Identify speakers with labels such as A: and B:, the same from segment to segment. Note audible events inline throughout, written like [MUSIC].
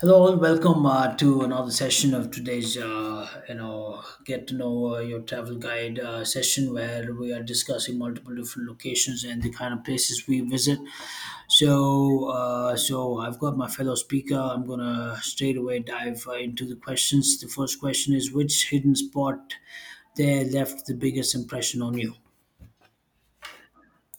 A: Hello all. Welcome to another session of today's get to know your travel guide session where we are discussing multiple different locations and the kind of places we visit. So I've got my fellow speaker. I'm gonna straight away dive into the questions. The first question is, which hidden spot there left the biggest impression on you?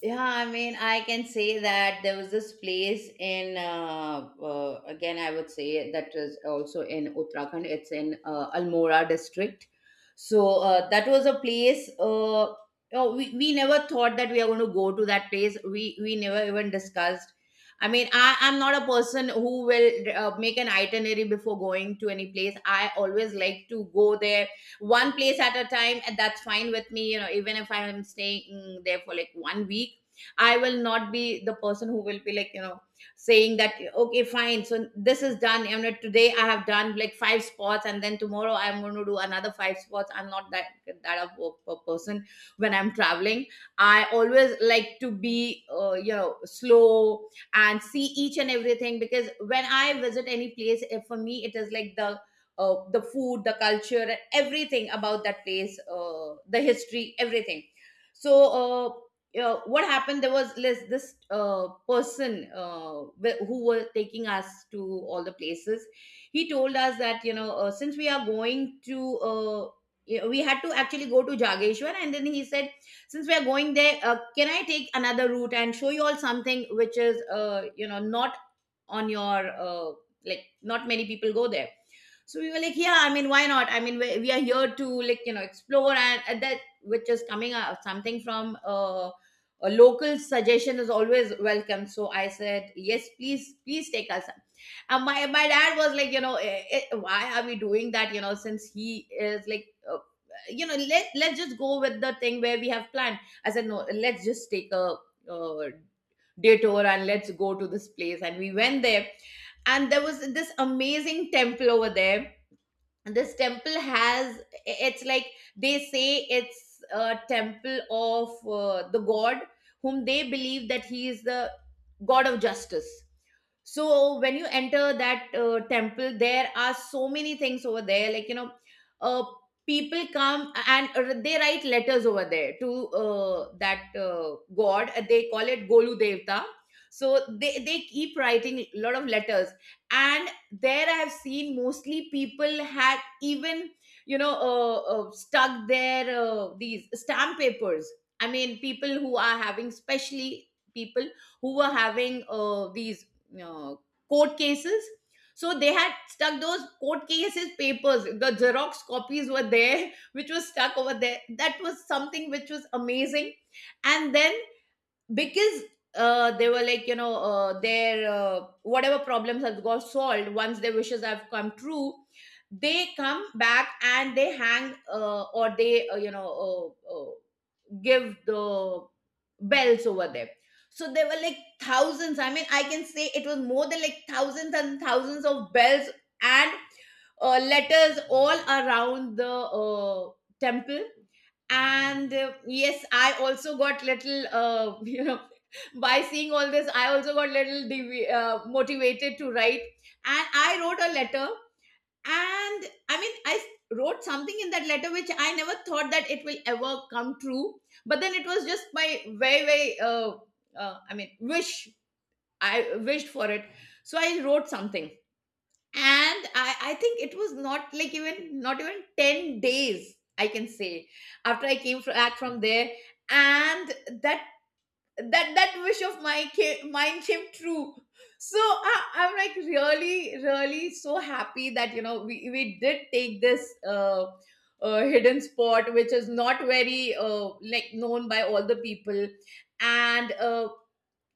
B: Yeah, I mean, I can say that there was this place in, again, I would say that was also in Uttarakhand. It's in Almora district. So that was a place. Oh, we never thought that we are going to go to that place. We never even discussed. I mean, I'm not a person who will make an itinerary before going to any place. I always like to go there one place at a time, and that's fine with me. You know, even if I am staying there for like one week. I will not be the person who will be like, you know, saying that, okay, fine. So this is done. You know, today I have done like five spots, and then tomorrow I'm going to do another five spots. I'm not that of work per person when I'm traveling. I always like to be, you know, slow and see each and everything, because when I visit any place, for me, it is like the food, the culture, everything about that place, the history, everything. So what happened there was this person who were taking us to all the places. He told us that, you know, since we are going to we had to actually go to Jageshwar. And then he said, "Since we are going there, can I take another route and show you all something which is, you know, not on your uh, like not many people go there." So we were like, yeah, I mean, why not? I mean, we are here to like, you know, explore, and that which is coming out something from a local suggestion is always welcome. So I said, yes, please, please take us. And my dad was like, you know, why are we doing that? You know, since he is like, you know, let's just go with the thing where we have planned. I said, no, let's just take a uh, day tour and let's go to this place. And we went there, and there was this amazing temple over there. This temple has, it's like, they say it's a temple of the god whom they believe that he is the god of justice. So when you enter that temple, there are so many things over there, like, you know, uh, people come and they write letters over there to that god. They call it golu devta. So they keep writing a lot of letters. And there I have seen mostly people had even, you know, stuck their these stamp papers. I mean, people who are having, especially people who were having these uh, court cases. So they had stuck those court cases papers, the xerox copies were there [LAUGHS] which was stuck over there. That was something which was amazing. And then, because they were like, you know, their whatever problems have got solved, once their wishes have come true, they come back and they hang or they give the bells over there. So there were like thousands. I mean, I can say it was more than like thousands and thousands of bells. And letters all around the temple. And yes, I also got little [LAUGHS] you know, by seeing all this I also got little motivated to write. And I wrote a letter. And I mean, I wrote something in that letter which I never thought that it will ever come true. But then it was just my very very, I mean, wish. I wished for it. So I wrote something. And I think it was not like even not even 10 days I can say, after I came back from there. And that that wish of mine came true. So I'm like really really so happy that, you know, we did take this hidden spot which is not very like known by all the people. And uh,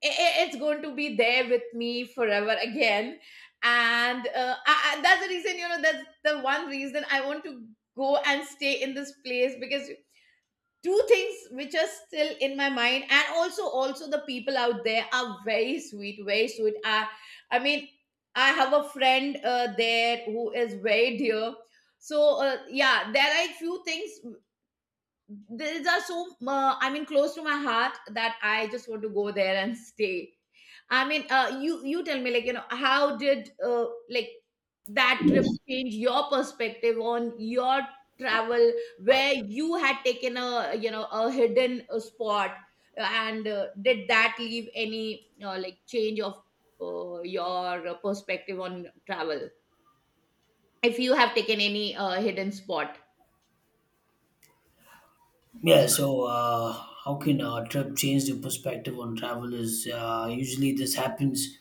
B: i- i- it's going to be there with me forever again. And that's the reason, you know, that's the one reason I want to go and stay in this place, because two things which are still in my mind, and also the people out there are very sweet, very sweet. I mean, I have a friend there who is very dear. So yeah, there are a few things. These are so, I mean, close to my heart that I just want to go there and [LAUGHS] stay. I mean, you tell me, like, you know, how did like that trip change your perspective on your travel, where you had taken a, you know, a hidden spot, and did that leave any like change of your perspective on travel if you have taken any hidden spot?
A: Yeah, so how can a trip change the perspective on travel? Is Usually this happens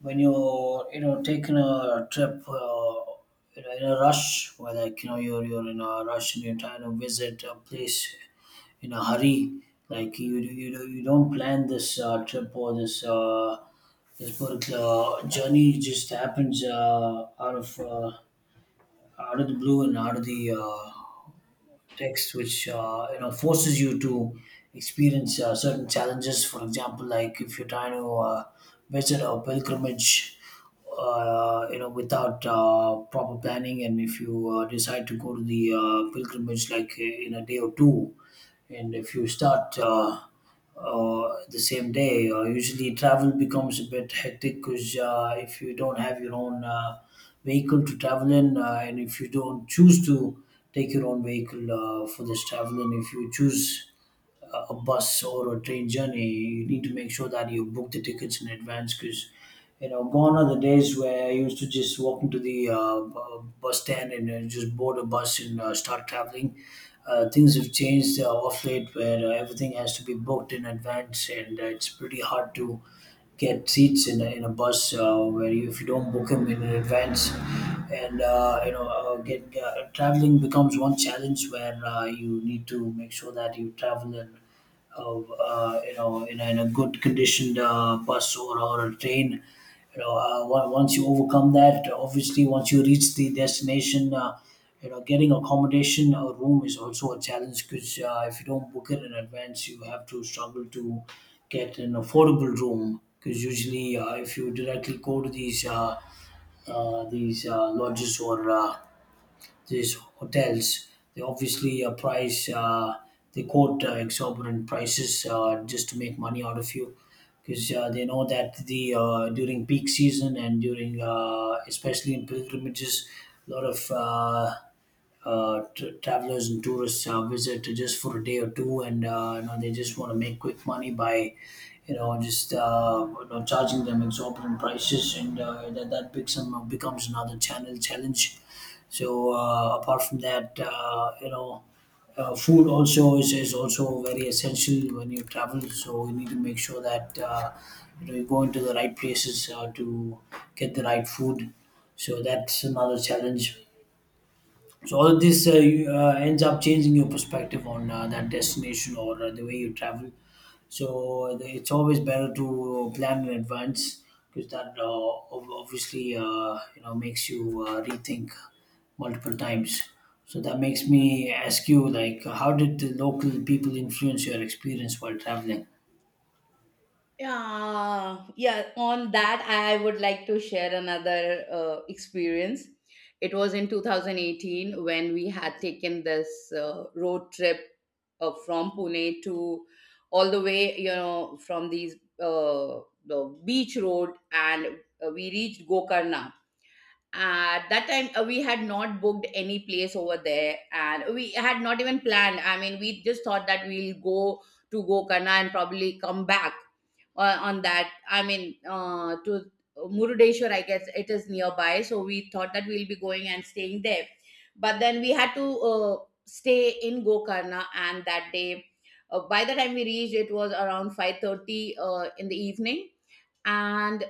A: when you're taking a trip you know, in a rush, where like you know you're in a rush and you're trying to visit a place in a hurry. Like you know, you don't plan this trip or this particular journey. It just happens out of the blue and out of the text which you know forces you to experience certain challenges, for example, like if you're trying to visit a pilgrimage, you know, without proper planning, and if you decide to go to the pilgrimage like in a day or two, and if you start the same day. Usually, travel becomes a bit hectic because if you don't have your own vehicle to travel in, and if you don't choose to take your own vehicle for this traveling, if you choose a bus or a train journey, you need to make sure that you book the tickets in advance, because you know gone are the days where I used to just walk into the bus stand and just board a bus and start traveling. Things have changed off late, where everything has to be booked in advance, and it's pretty hard to get seats in a bus where you, if you don't book them in advance, and you know get traveling becomes one challenge where you need to make sure that you travel in you know in a good conditioned bus, or a train. You know once you overcome that, obviously, once you reach the destination, you know, getting accommodation or room is also a challenge, because if you don't book it in advance, you have to struggle to get an affordable room, because usually if you directly go to these lodges or these hotels. They obviously they quote exorbitant prices just to make money out of you, because they know that the during peak season and during especially in pilgrimages, a lot of travelers and tourists visit just for a day or two, and you know they just want to make quick money by you know just you know, charging them exorbitant prices, and that becomes becomes another channel challenge. So apart from that, you know. Food also is also very essential when you travel, so you need to make sure that you know you go into the right places to get the right food. So that's another challenge. So all of this ends up changing your perspective on that destination or the way you travel. So it's always better to plan in advance, because obviously you know makes you rethink multiple times. So that makes me ask you, like, how did the local people influence your experience while traveling?
B: Yeah, yeah. On that, I would like to share another experience. It was in 2018 when we had taken this road trip from Pune to, all the way, you know, from these uh, the beach road, and we reached Gokarna. At that time, we had not booked any place over there, and we had not even planned. I mean, we just thought that we'll go to Gokarna and probably come back on that, I mean, to Murudeshwar, I guess it is nearby, so we thought that we'll be going and staying there. But then we had to uh, stay in Gokarna. And that day, by the time we reached, it was around 5:30 in the evening. And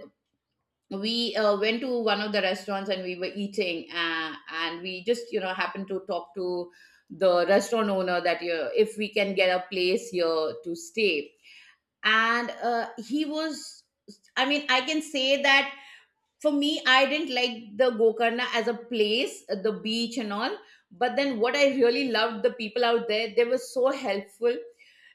B: we went to one of the restaurants and we were eating, and we just, you know, happened to talk to the restaurant owner that, you, if we can get a place here to stay. And he was, I mean, I can say that for me, I didn't like the Gokarna as a place, the beach and all. But then what I really loved, the people out there, they were so helpful.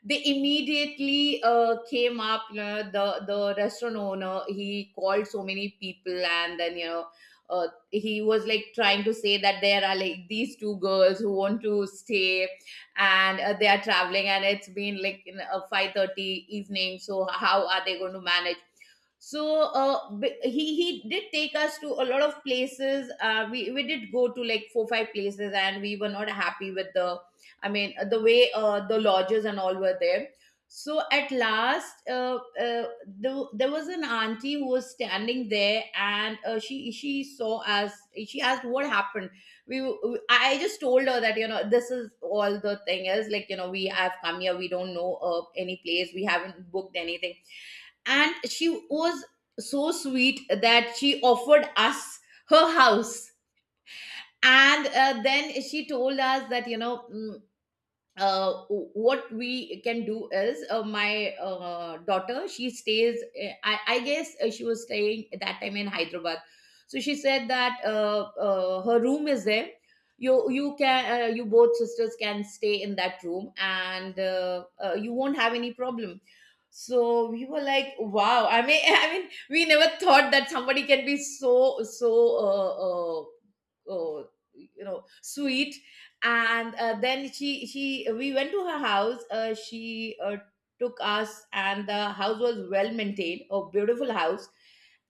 B: They immediately came up, you know, the restaurant owner, he called so many people, and then, you know, he was like trying to say that there are like these two girls who want to stay, and they are traveling and it's been like in a 5:30 evening, so how are they going to manage. So he did take us to a lot of places. We did go to like four five places, and we were not happy with the, I mean, the way the lodges and all were there. So at last, there was an auntie who was standing there. And she saw us. She asked what happened. I just told her that, you know, this is all, the thing is like, you know, we have come here, we don't know any place, we haven't booked anything. And she was so sweet that she offered us her house. And then she told us that, you know, uh, what we can do is, my daughter, she stays, I guess she was staying at that time in Hyderabad. So she said that her room is there. You can, you both sisters can stay in that room, and you won't have any problem. So we were like, wow, I mean [LAUGHS] I mean, we never thought that somebody can be so uh, uh, uh, you know, sweet. And then she we went to her house. She, took us, and the house was well maintained, a beautiful house.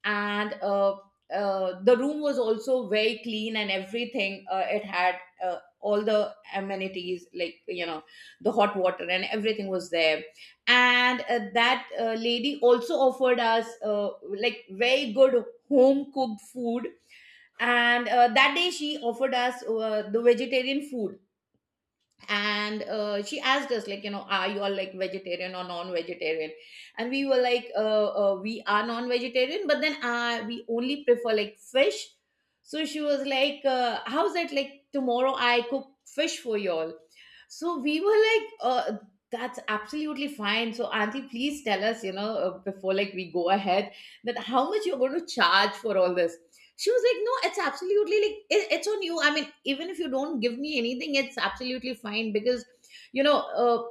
B: And the room was also very clean and everything, it had all the amenities, like, you know, the hot water and everything was there. And that lady also offered us like very good home cooked food. And that day she offered us the vegetarian food. And she asked us, like, you know, are you all like vegetarian or non-vegetarian? And we were like, we are non-vegetarian, but then we only prefer like fish. So she was like, how's that, like tomorrow I cook fish for y'all? So we were like, that's absolutely fine. So Auntie, please tell us, you know, before like we go ahead, that how much you're going to charge for all this. She was like, no, it's absolutely like, it's on you. I mean, even if you don't give me anything, it's absolutely fine because, you know, uh,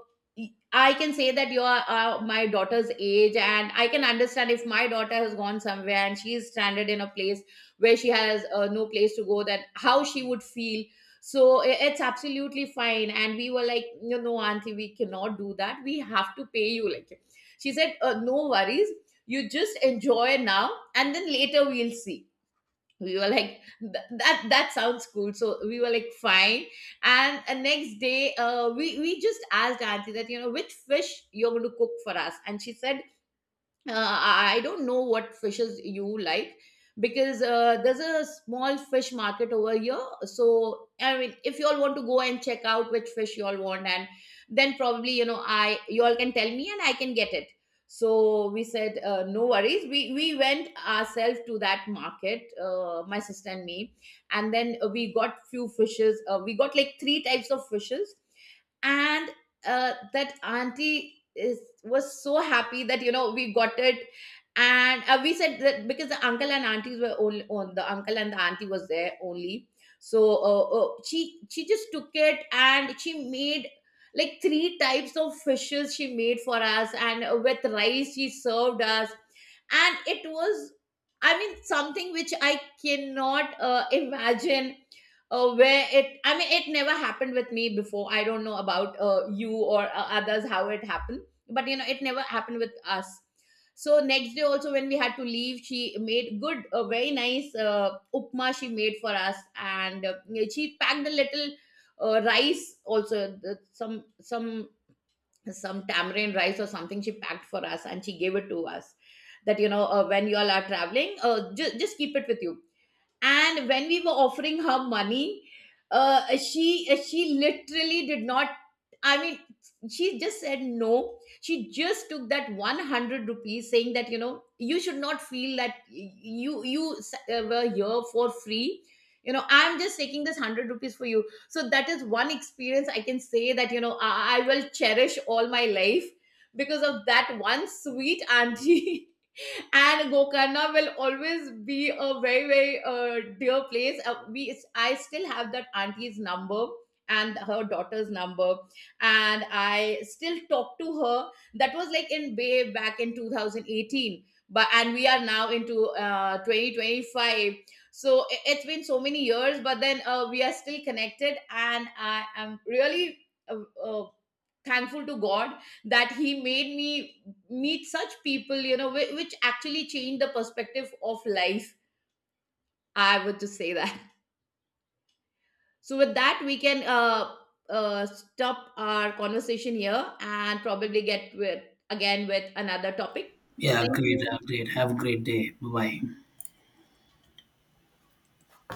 B: I can say that you are my daughter's age, and I can understand if my daughter has gone somewhere and she is stranded in a place where she has no place to go, that how she would feel so it's absolutely fine. And we were like, no, no, auntie, we cannot do that, we have to pay you. Like she said, no worries, you just enjoy now and then later we'll see. We were like, that sounds cool, so we were like fine. And next day we just asked auntie that, you know, which fish you're going to cook for us. And she said, I don't know what fishes you like because there's a small fish market over here. So I mean, if you all want to go and check out which fish you all want, and then probably, you know, I you all can tell me and I can get it. So we said, no worries. We went ourselves to that market, my sister and me, and then we got few fishes. We got like three types of fishes, and that auntie is was so happy that, you know, we got it. And we said that because the uncle and aunties were only, on the uncle and the auntie was there only, so she just took it and she made like three types of fishes she made for us. And with rice she served us, and it was, I mean, something which I cannot imagine. Where it I mean, it never happened with me before. I don't know about you or others how it happens, but you know it never happened with us. So next day also when we had to leave, she made good, a very nice upma she made for us. And she packed a little rice also, some tamarind rice or something she packed for us, and she gave it to us. That, you know, when you all are traveling, just keep it with you. And when we were offering her money, she literally did not, I mean, she just said no. She just took that 100 rupees, saying that, you know, you should not feel that you were here for free. You know, I'm just taking this 100 rupees for you. So that is one experience I can say that, you know, I will cherish all my life, because of that one sweet auntie. [LAUGHS] And Gokarna will always be a very very dear place. We I still have that auntie's number and her daughter's number, and I still talk to her. That was like in Bay, back in 2018, but and we are now into 2025. So it's been so many years, but then we are still connected, and I am really uh, uh, thankful to God that he made me meet such people, you know, which actually changed the perspective of life, I would just say that. [LAUGHS] So with that we can stop our conversation here and probably get with, again, with another topic.
A: Yeah,
B: Thank
A: great,
B: you.
A: great. Have a great day. Bye bye.